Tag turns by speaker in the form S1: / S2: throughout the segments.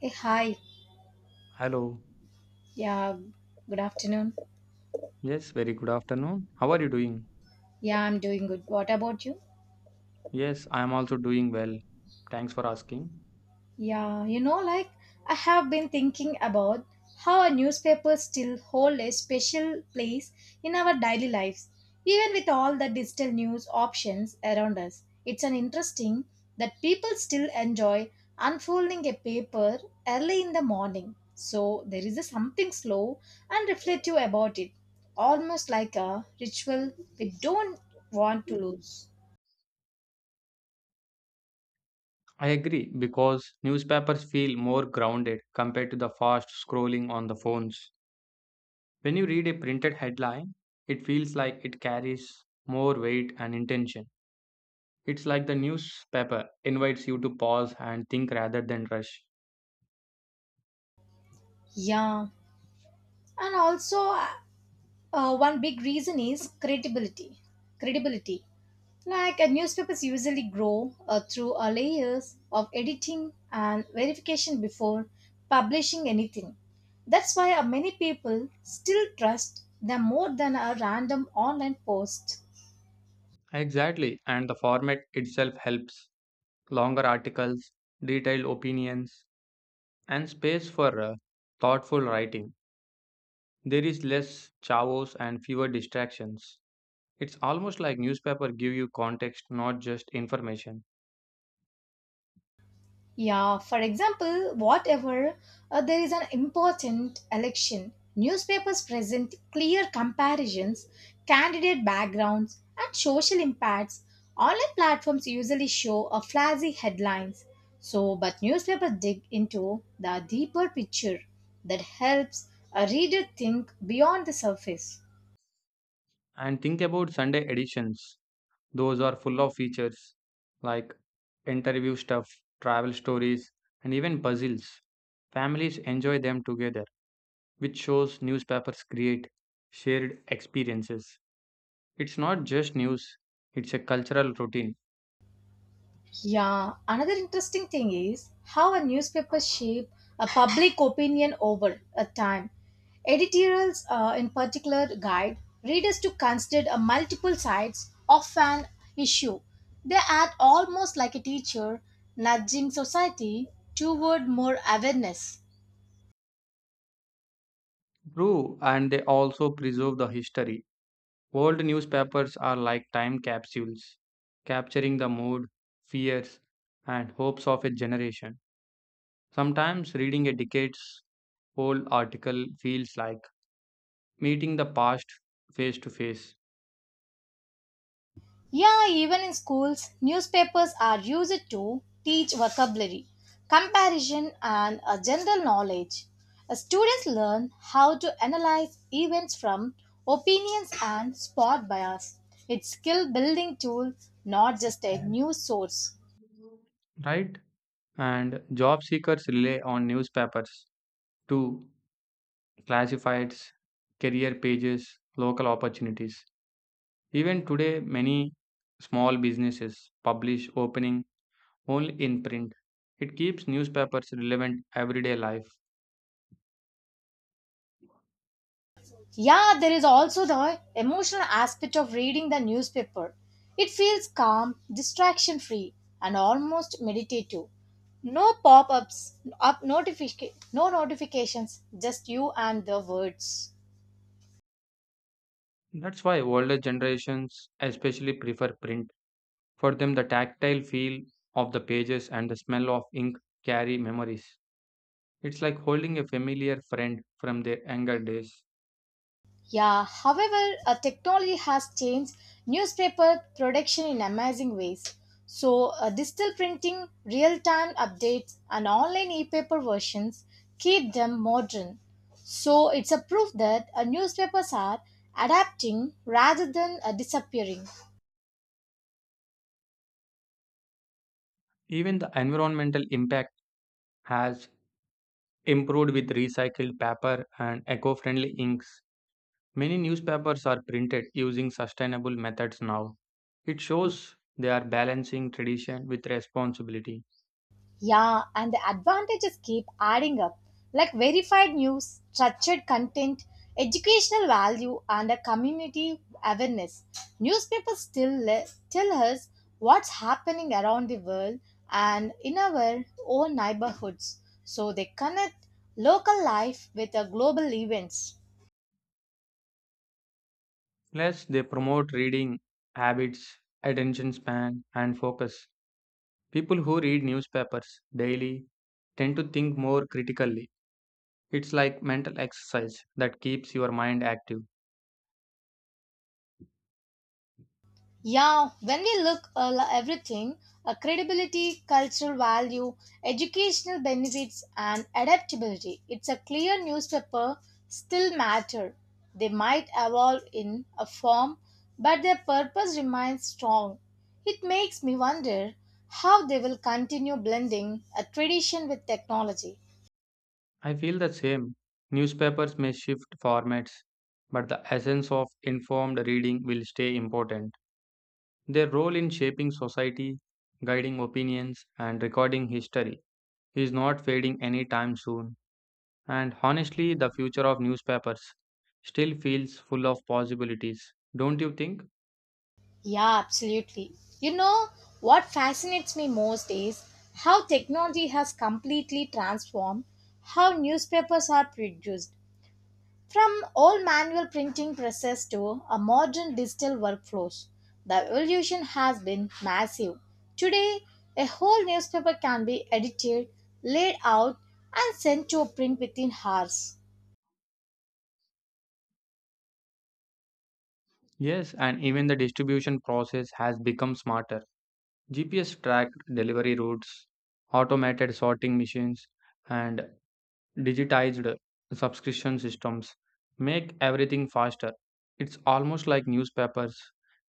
S1: Hey, hi.
S2: Hello.
S1: Yeah, good afternoon.
S2: Yes, very good afternoon. How are you doing?
S1: Yeah, I'm doing good. What about you?
S2: Yes, I am also doing well. Thanks for asking.
S1: Yeah, like I have been thinking about how our newspapers still hold a special place in our daily lives, even with all the digital news options around us. It's an interesting that people still enjoy unfolding a paper early in the morning. So there is a something slow and reflective about it, almost like a ritual we don't want to lose.
S2: I agree because newspapers feel more grounded compared to the fast scrolling on the phones. When you read a printed headline, it feels like it carries more weight and intention. It's like the newspaper invites you to pause and think rather than rush.
S1: Yeah, and also one big reason is credibility. Credibility, like newspapers usually grow through layers of editing and verification before publishing anything. That's why many people still trust them more than a random online post.
S2: Exactly, and the format itself helps. Longer articles, detailed opinions, and space for thoughtful writing. There is less chavos and fewer distractions. It's almost like newspaper give you context, not just information.
S1: Yeah, for example, whatever there is an important election, newspapers present clear comparisons, candidate backgrounds, and social impacts. Online platforms usually show a flashy headlines. But newspapers dig into the deeper picture that helps a reader think beyond the surface.
S2: And think about Sunday editions. Those are full of features like interview stuff, travel stories, and even puzzles. Families enjoy them together, which shows newspapers create shared experiences. It's not just news, it's a cultural routine.
S1: Yeah, another interesting thing is how a newspaper shape a public opinion over a time. Editorials, in particular, guide readers to consider a multiple sides of an issue. They act almost like a teacher nudging society toward more awareness.
S2: True, and they also preserve the history. Old newspapers are like time capsules, capturing the mood, fears, and hopes of a generation. Sometimes reading a decades old article feels like meeting the past face to face,
S1: Yeah, even in schools, newspapers are used to teach vocabulary, comparison, and a general knowledge. Students learn how to analyze events from opinions and spot bias. It's skill building tool, not just a news source.
S2: right? And job seekers rely on newspapers to classifieds, career pages, local opportunities. Even today, many small businesses publish opening only in print. It keeps newspapers relevant everyday life.
S1: Yeah, there is also the emotional aspect of reading the newspaper. It feels calm, distraction free, and almost meditative. No pop ups, no notifications, just you and the words.
S2: That's why older generations especially prefer print. For them, the tactile feel of the pages and the smell of ink carry memories. It's like holding a familiar friend from their younger days.
S1: Yeah, however, technology has changed newspaper production in amazing ways. So, digital printing, real time updates, and online e paper versions keep them modern. So, it's a proof that newspapers are adapting rather than disappearing.
S2: Even the environmental impact has improved with recycled paper and eco friendly inks. Many newspapers are printed using sustainable methods now. It shows they are balancing tradition with responsibility.
S1: Yeah, and the advantages keep adding up, like verified news, structured content, educational value, and a community awareness. Newspapers tell us what's happening around the world and in our own neighborhoods, so they connect local life with the global events.
S2: Plus, they promote reading habits, attention span, and focus. People who read newspapers daily tend to think more critically. It's like mental exercise that keeps your mind active.
S1: Yeah, when we look at everything, credibility, cultural value, educational benefits, and adaptability, it's a clear newspaper still matter. They might evolve in a form, but their purpose remains strong. It makes me wonder how they will continue blending a tradition with technology.
S2: I feel the same. Newspapers may shift formats, but the essence of informed reading will stay important. Their role in shaping society, guiding opinions, and recording history is not fading anytime soon. And honestly, the future of newspapers still feels full of possibilities, don't you think?
S1: Yeah, absolutely. You know, what fascinates me most is how technology has completely transformed how newspapers are produced. From old manual printing presses to a modern digital workflows, the evolution has been massive. Today, a whole newspaper can be edited, laid out, and sent to print within hours.
S2: Yes, and even the distribution process has become smarter. GPS tracked delivery routes, automated sorting machines, and digitized subscription systems make everything faster. It's almost like newspapers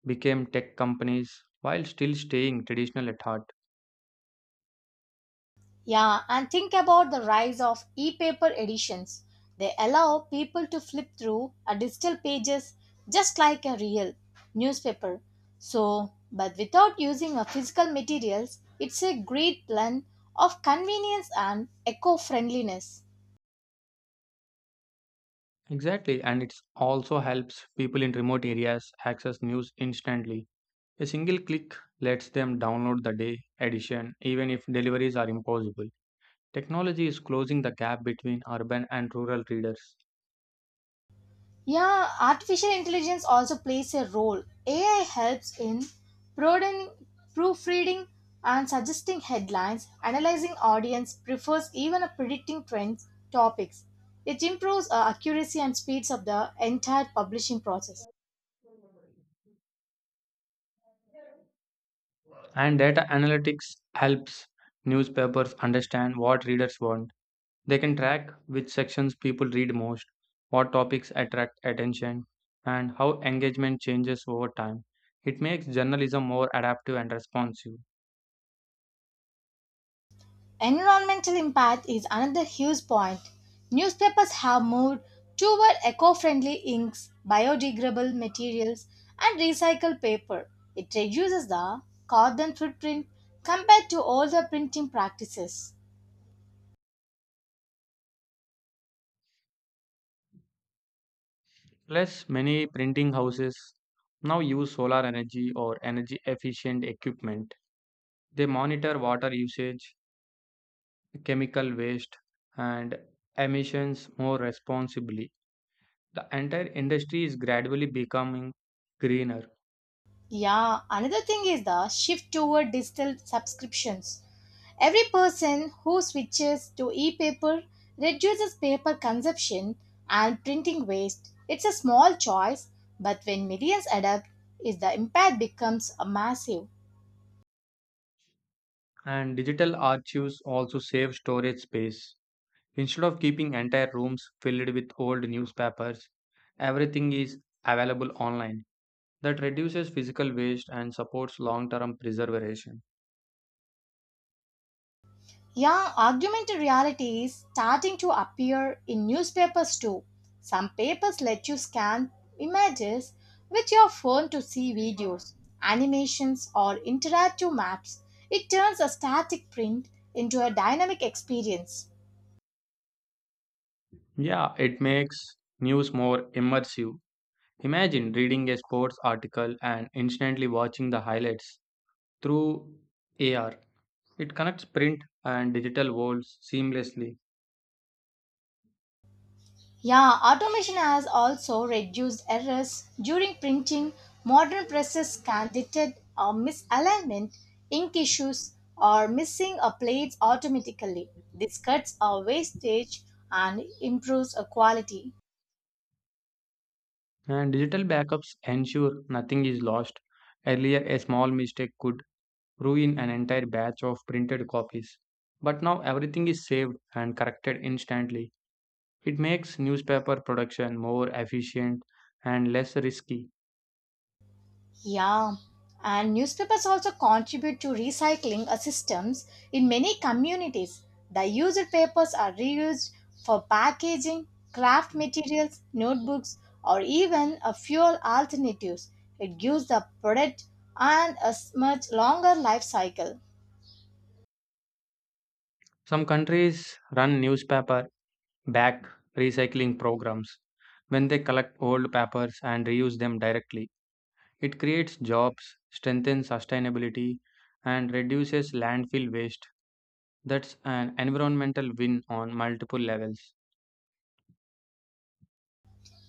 S2: became tech companies while still staying traditional at heart.
S1: Yeah, and think about the rise of e paper editions. They allow people to flip through a digital pages just like a real newspaper. But without using a physical materials, it's a great blend of convenience and eco friendliness.
S2: Exactly, and it also helps people in remote areas access news instantly. A single click lets them download the day edition even if deliveries are impossible. Technology is closing the gap between urban and rural readers.
S1: Yeah, artificial intelligence also plays a role. AI helps in broadening- proofreading and suggesting headlines, analyzing audience prefers even a predicting trends topics. It improves accuracy and speeds up the entire publishing process.
S2: And data analytics helps newspapers understand what readers want. They can track which sections people read most, what topics attract attention, and how engagement changes over time. It makes journalism more adaptive and responsive.
S1: Environmental impact is another huge point. Newspapers have moved toward eco friendly inks, biodegradable materials, and recycled paper. It reduces the carbon footprint compared to older printing practices.
S2: Plus, many printing houses now use solar energy or energy efficient equipment. They monitor water usage, chemical waste, and emissions more responsibly. The entire industry is gradually becoming greener.
S1: Yeah, another thing is the shift toward digital subscriptions. Every person who switches to e paper reduces paper consumption and printing waste. It's a small choice, but when millions adapt, is the impact becomes a massive.
S2: And digital archives also save storage space. Instead of keeping entire rooms filled with old newspapers, everything is available online. That reduces physical waste and supports long term preservation.
S1: Yeah, augmented reality is starting to appear in newspapers too. Some papers let you scan images with your phone to see videos, animations, or interactive maps. It turns a static print into a dynamic experience.
S2: Yeah, it makes news more immersive. Imagine reading a sports article and instantly watching the highlights through AR. It connects print and digital worlds seamlessly,
S1: Yeah, automation has also reduced errors during printing. Modern presses can detect a misalignment, ink issues, or missing a plates automatically. This cuts our wastage and improves a quality.
S2: and digital backups ensure nothing is lost. Earlier, a small mistake could ruin an entire batch of printed copies. But now everything is saved and corrected instantly. It makes newspaper production more efficient and less risky.
S1: Yeah, and newspapers also contribute to recycling systems in many communities. The used papers are reused for packaging, craft materials, notebooks, or even fuel alternatives. It gives the product and much longer life cycle.
S2: Some countries run newspaper back recycling programs when they collect old papers and reuse them directly. It creates jobs, strengthens sustainability, and reduces landfill waste. That's an environmental win on multiple levels.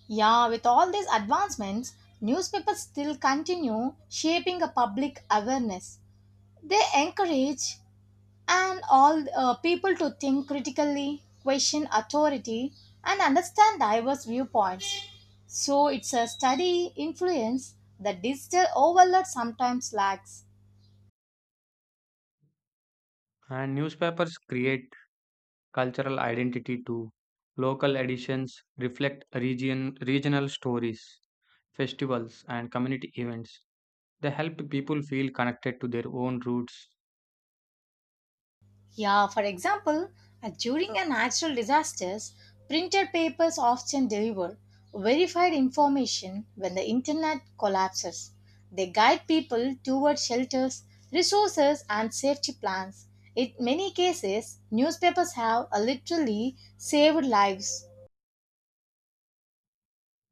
S1: Yeah, with all these advancements, newspapers still continue shaping a public awareness. They encourage and all people to think critically, question authority, and understand diverse viewpoints. So it's a study influence that digital overload sometimes lacks.
S2: And newspapers create cultural identity too. Local editions reflect region, regional stories, festivals, and community events. They help people feel connected to their own roots.
S1: Yeah, for example, during a natural disasters, printed papers often deliver verified information when the internet collapses. They guide people toward shelters, resources, and safety plans. In many cases, newspapers have literally saved lives.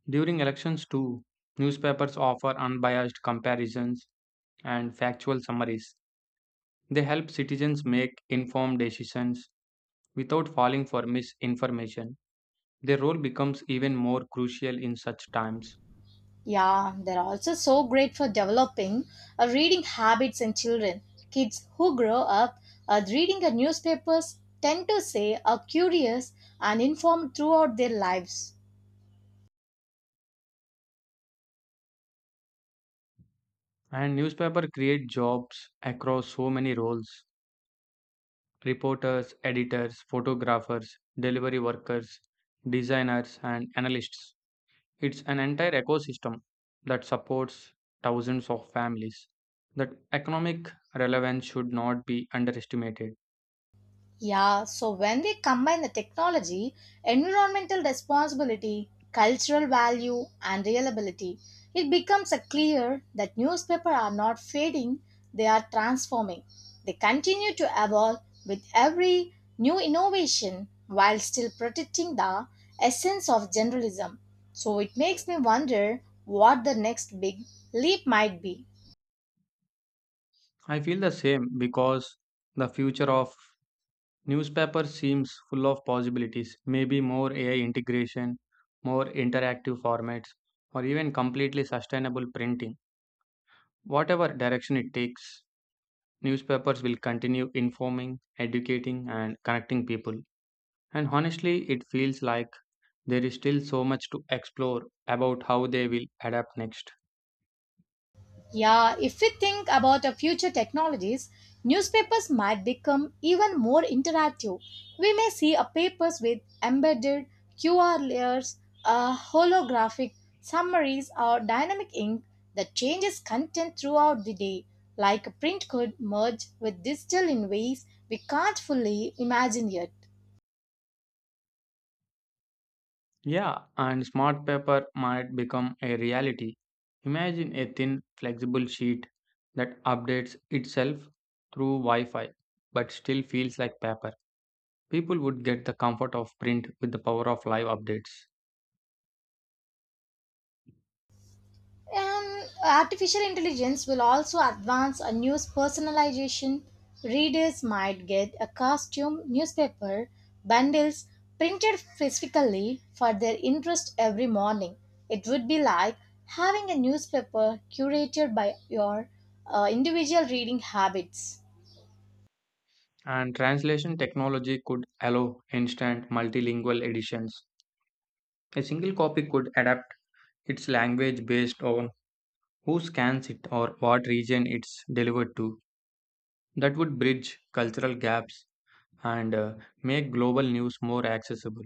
S2: During elections, too, newspapers offer unbiased comparisons and factual summaries. They help citizens make informed decisions without falling for misinformation. Their role becomes even more crucial in such times.
S1: Yeah, they're also so great for developing reading habits in children. Kids who grow up reading the newspapers tend to say are curious and informed throughout their lives.
S2: And newspapers create jobs across so many roles reporters, editors, photographers, delivery workers, designers, and analysts. It's an entire ecosystem that supports thousands of families. That economic relevance should not be underestimated.
S1: Yeah, so when we combine the technology, environmental responsibility, cultural value, and reliability, it becomes a clear that newspapers are not fading, they are transforming. They continue to evolve with every new innovation while still protecting the essence of journalism. So it makes me wonder what the next big leap might be.
S2: I feel the same because the future of newspaper seems full of possibilities. Maybe more AI integration, more interactive formats, or even completely sustainable printing. Whatever direction it takes, newspapers will continue informing, educating, and connecting people. And honestly, it feels like there is still so much to explore about how they will adapt next.
S1: Yeah, if we think about our future technologies, newspapers might become even more interactive. We may see a papers with embedded QR layers, holographic summaries, or dynamic ink that changes content throughout the day, like print could merge with digital in ways we can't fully imagine yet.
S2: Yeah, and smart paper might become a reality. Imagine a thin, flexible sheet that updates itself through Wi Fi but still feels like paper. People would get the comfort of print with the power of live updates.
S1: Artificial intelligence will also advance a news personalization. Readers might get a costume, newspaper, bundles printed specifically for their interest every morning. It would be like having a newspaper curated by your individual reading habits.
S2: And translation technology could allow instant multilingual editions. A single copy could adapt its language based on who scans it or what region it's delivered to. That would bridge cultural gaps and make global news more accessible.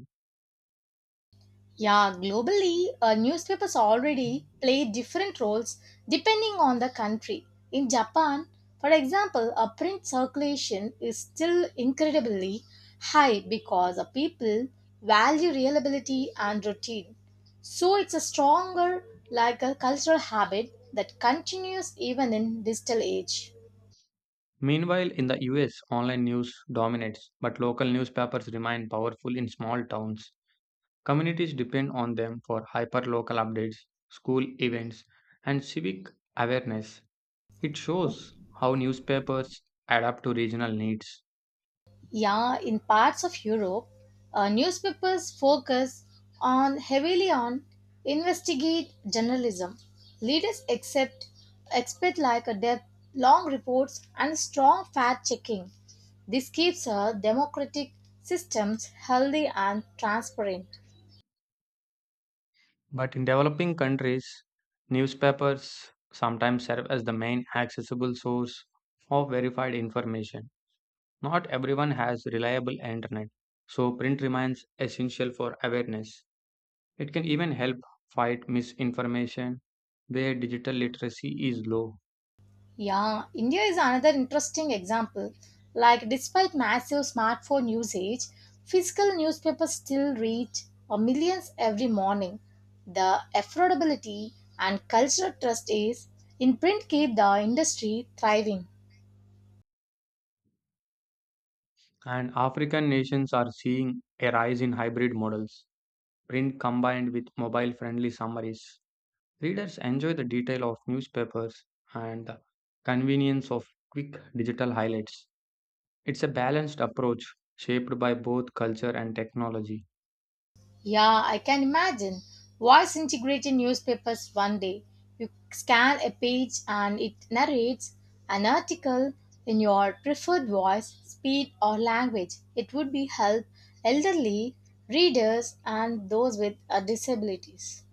S1: Yeah, globally, newspapers already play different roles depending on the country. In Japan, for example, a print circulation is still incredibly high because the people value reliability and routine. So it's a stronger, like a cultural habit that continues even in digital age.
S2: Meanwhile, in the US, online news dominates, but local newspapers remain powerful in small towns. Communities depend on them for hyper-local updates, school events, and civic awareness. It shows how newspapers adapt to regional needs.
S1: Yeah, in parts of Europe, newspapers focus on heavily on investigate journalism. Leaders accept expect like a depth, long reports, and strong fact checking. This keeps our democratic systems healthy and transparent.
S2: But in developing countries, newspapers sometimes serve as the main accessible source of verified information. Not everyone has reliable internet, so print remains essential for awareness. It can even help fight misinformation where digital literacy is low.
S1: Yeah, India is another interesting example. Like, despite massive smartphone usage, physical newspapers still reach millions every morning. The affordability and cultural trust is in print keep the industry thriving.
S2: And African nations are seeing a rise in hybrid models, print combined with mobile friendly summaries. Readers enjoy the detail of newspapers and the convenience of quick digital highlights. It's a balanced approach shaped by both culture and technology.
S1: Yeah, I can imagine. Voice integrated newspapers one day. You scan a page and it narrates an article in your preferred voice, speed, or language. It would be help elderly readers and those with disabilities.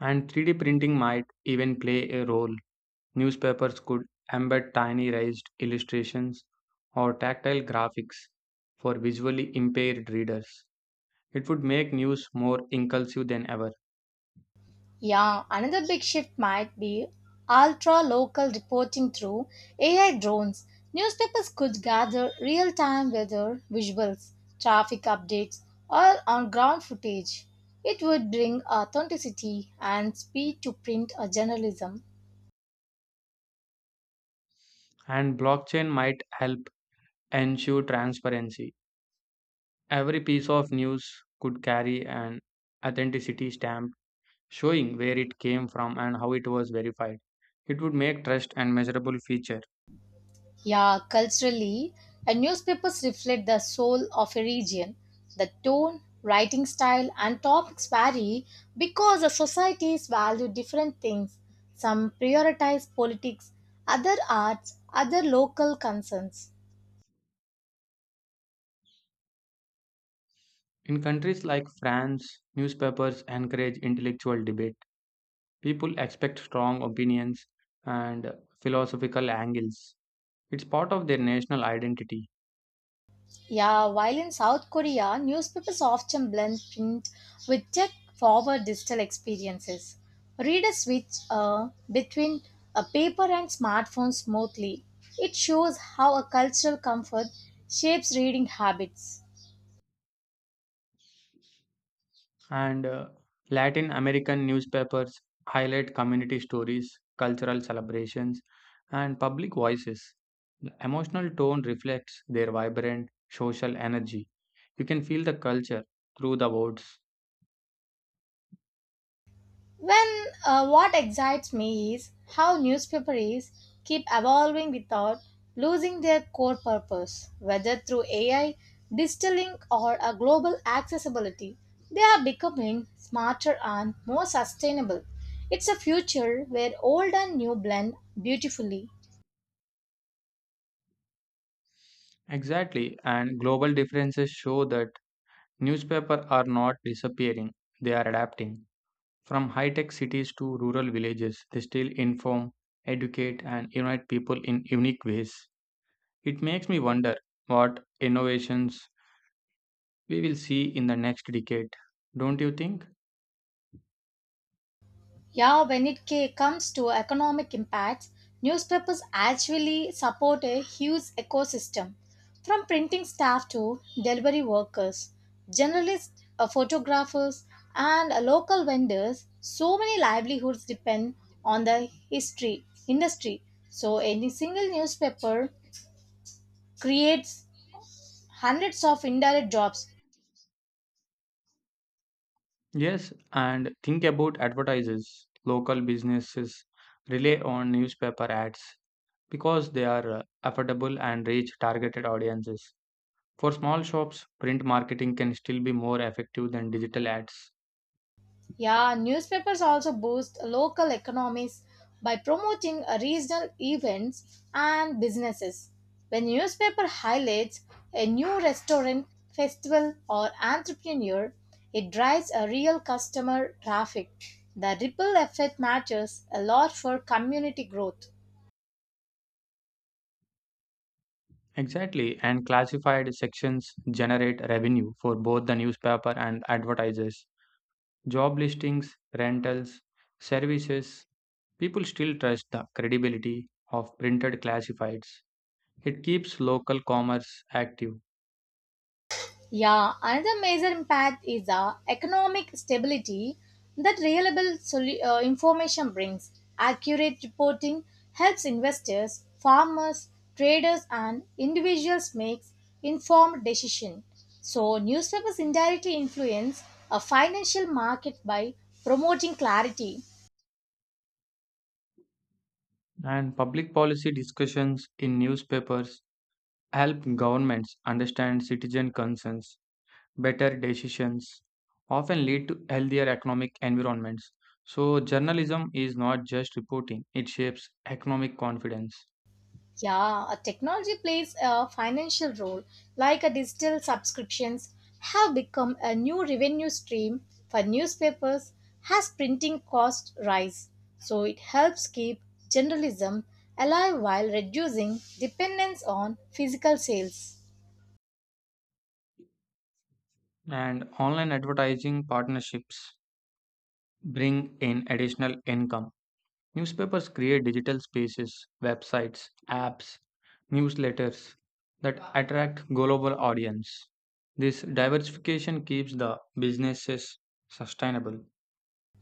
S2: And 3D printing might even play a role. Newspapers could embed tiny raised illustrations or tactile graphics for visually impaired readers. It would make news more inclusive than ever.
S1: Yeah, another big shift might be ultra local reporting through AI drones. Newspapers could gather real time weather visuals, traffic updates, or on ground footage. It would bring authenticity and speed to print journalism.
S2: And blockchain might help ensure transparency. Every piece of news could carry an authenticity stamp showing where it came from and how it was verified. It would make trust and measurable feature.
S1: Yeah, culturally, newspapers reflect the soul of a region. The tone, writing style, and topics vary because the societies value different things. Some prioritize politics, other arts, other local concerns.
S2: In countries like France, newspapers encourage intellectual debate. People expect strong opinions and philosophical angles. It's part of their national identity.
S1: Yeah, while in South Korea, newspapers often blend print with tech forward digital experiences. Readers switch between a paper and smartphone smoothly. It shows how a cultural comfort shapes reading habits.
S2: And Latin American newspapers highlight community stories, cultural celebrations, and public voices. The emotional tone reflects their vibrant social energy. You can feel the culture through the words.
S1: When What excites me is how newspapers keep evolving without losing their core purpose, whether through AI, digital ink, or a global accessibility. They are becoming smarter and more sustainable. It's a future where old and new blend beautifully.
S2: Exactly, and global differences show that newspapers are not disappearing, they are adapting. From high tech cities to rural villages, they still inform, educate, and unite people in unique ways. It makes me wonder what innovations we will see in the next decade. Don't you think?
S1: Yeah, when it comes to economic impacts, newspapers actually support a huge ecosystem from printing staff to delivery workers, journalists, photographers, and local vendors. So many livelihoods depend on the history industry. So any single newspaper creates hundreds of indirect jobs.
S2: Yes, and think about advertisers. Local businesses rely on newspaper ads because they are affordable and reach targeted audiences. For small shops, print marketing can still be more effective than digital ads.
S1: Yeah, newspapers also boost local economies by promoting regional events and businesses. When newspaper highlights a new restaurant, festival, or entrepreneur, it drives a real customer traffic. The ripple effect matters a lot for community growth.
S2: Exactly, and classified sections generate revenue for both the newspaper and advertisers. Job listings, rentals, services. People still trust the credibility of printed classifieds. It keeps local commerce active.
S1: Yeah, another major impact is the economic stability that reliable information brings. Accurate reporting helps investors, farmers, traders, and individuals make informed decisions. So, newspapers indirectly influence a financial market by promoting clarity.
S2: And public policy discussions in newspapers help governments understand citizen concerns. Better decisions often lead to healthier economic environments. So, journalism is not just reporting, it shapes economic confidence.
S1: Yeah, a technology plays a financial role, like a digital subscriptions have become a new revenue stream for newspapers as printing costs rise. So it helps keep journalism alive while reducing dependence on physical sales.
S2: And online advertising partnerships bring in additional income. Newspapers create digital spaces, websites, apps, newsletters that attract global audience. This diversification keeps the businesses sustainable.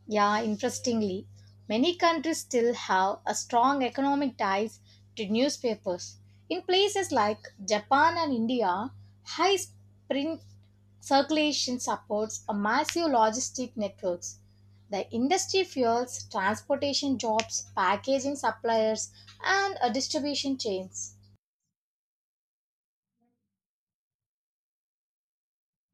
S1: Yeah, interestingly, many countries still have a strong economic ties to newspapers. In places like Japan and India, high print circulation supports a massive logistic networks. The industry fuels transportation jobs, packaging suppliers, and distribution chains.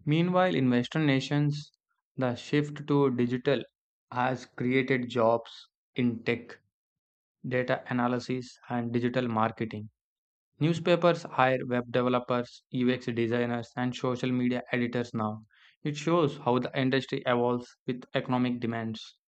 S2: Meanwhile, in Western nations, the shift to digital has created jobs in tech, data analysis, and digital marketing. Newspapers hire web developers, UX designers, and social media editors now. It shows how the industry evolves with economic demands.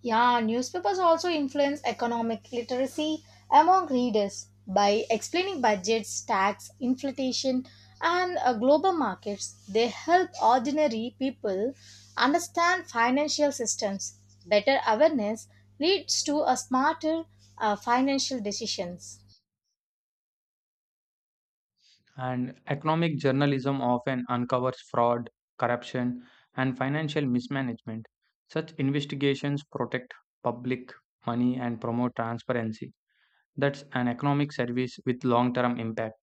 S1: Yeah, newspapers also influence economic literacy among readers by explaining budgets, tax, inflation, and global markets. They help ordinary people understand financial systems. Better awareness leads to a smarter financial decisions.
S2: And economic journalism often uncovers fraud, corruption, and financial mismanagement. Such investigations protect public money and promote transparency. That's an economic service with long term impact.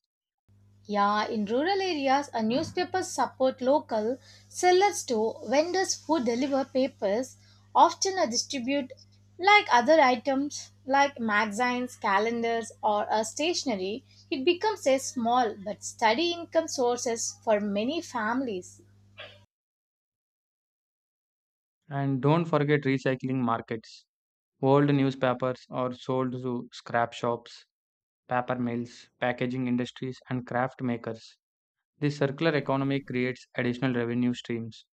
S1: Yeah, in rural areas, a newspapers support local sellers too. Vendors who deliver papers often are distribute like other items like magazines, calendars, or a stationery. It becomes a small but steady income sources for many families.
S2: And don't forget recycling markets. Old newspapers are sold to scrap shops, paper mills, packaging industries, and craft makers. This circular economy creates additional revenue streams.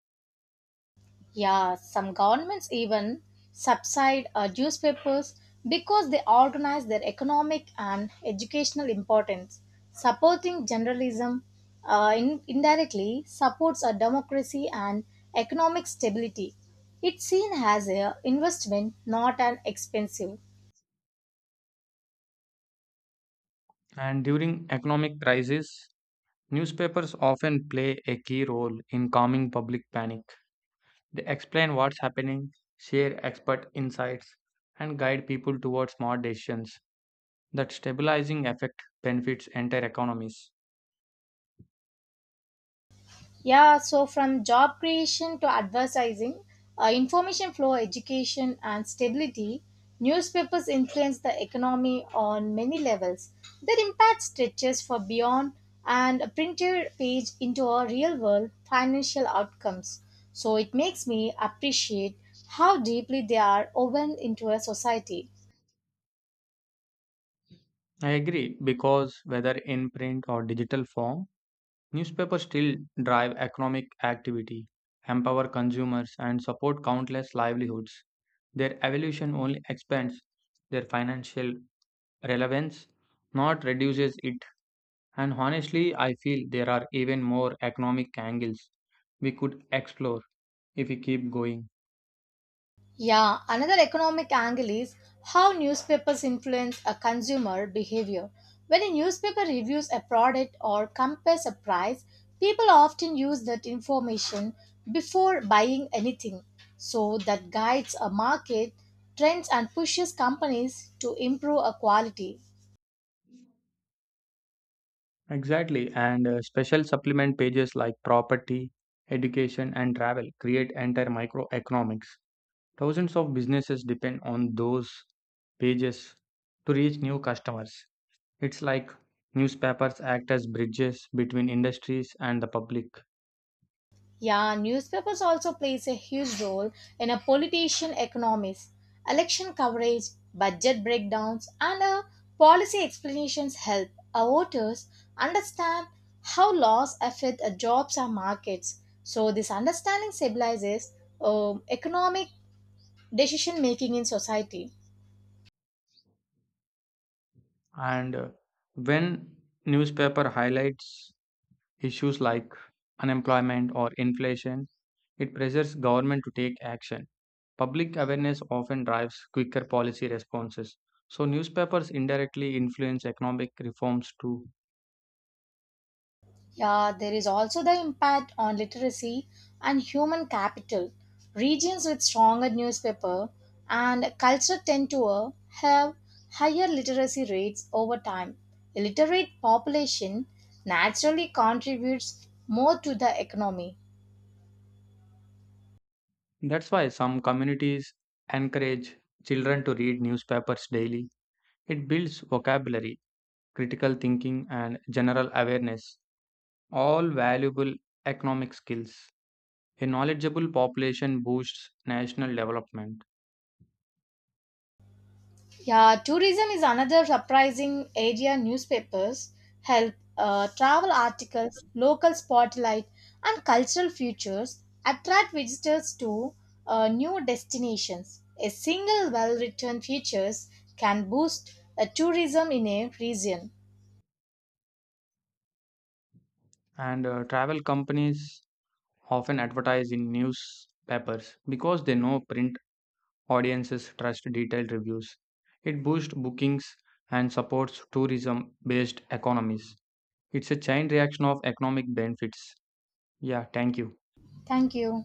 S1: Yeah, some governments even subsidize newspapers because they organize their economic and educational importance. Supporting journalism indirectly supports a democracy and economic stability. It's seen as an investment, not an expensive.
S2: And during economic crises, newspapers often play a key role in calming public panic. They explain what's happening, share expert insights, and guide people towards smart decisions. That stabilizing effect benefits entire economies.
S1: Yeah, so from job creation to advertising, information flow, education, and stability, newspapers influence the economy on many levels. Their impact stretches for beyond and a printed page into our real world financial outcomes. So it makes me appreciate how deeply they are woven into a society.
S2: I agree because whether in print or digital form, newspapers still drive economic activity, empower consumers, and support countless livelihoods. Their evolution only expands their financial relevance, not reduces it. And honestly, I feel there are even more economic angles we could explore if we keep going.
S1: Yeah, another economic angle is how newspapers influence a consumer behavior. When a newspaper reviews a product or compares a price, people often use that information before buying anything. So that guides a market trends and pushes companies to improve a quality.
S2: Exactly, and special supplement pages like property, education, and travel create entire microeconomics. Thousands of businesses depend on those pages to reach new customers. It's like newspapers act as bridges between industries and the public.
S1: Yeah, newspapers also plays a huge role in a politician economies. Election coverage, budget breakdowns, and policy explanations help our voters understand how laws affect jobs and markets. So this understanding stabilizes economic decision making in society.
S2: And when newspaper highlights issues like unemployment or inflation, it pressures government to take action. Public awareness often drives quicker policy responses. So newspapers indirectly influence economic reforms too.
S1: Yeah, there is also the impact on literacy and human capital. Regions with stronger newspaper and culture tend to have higher literacy rates over time. Illiterate population naturally contributes more to the economy.
S2: That's why some communities encourage children to read newspapers daily. It builds vocabulary, critical thinking and general awareness, all valuable economic skills. A knowledgeable population boosts national development.
S1: Yeah, tourism is another surprising area. Newspapers help travel articles, local spotlight, and cultural features attract visitors to new destinations. A single well written features can boost tourism in a region.
S2: And travel companies often advertise in newspapers because they know print audiences trust detailed reviews. It boosts bookings and supports tourism based economies. It's a chain reaction of economic benefits. Yeah, thank you.
S1: Thank you.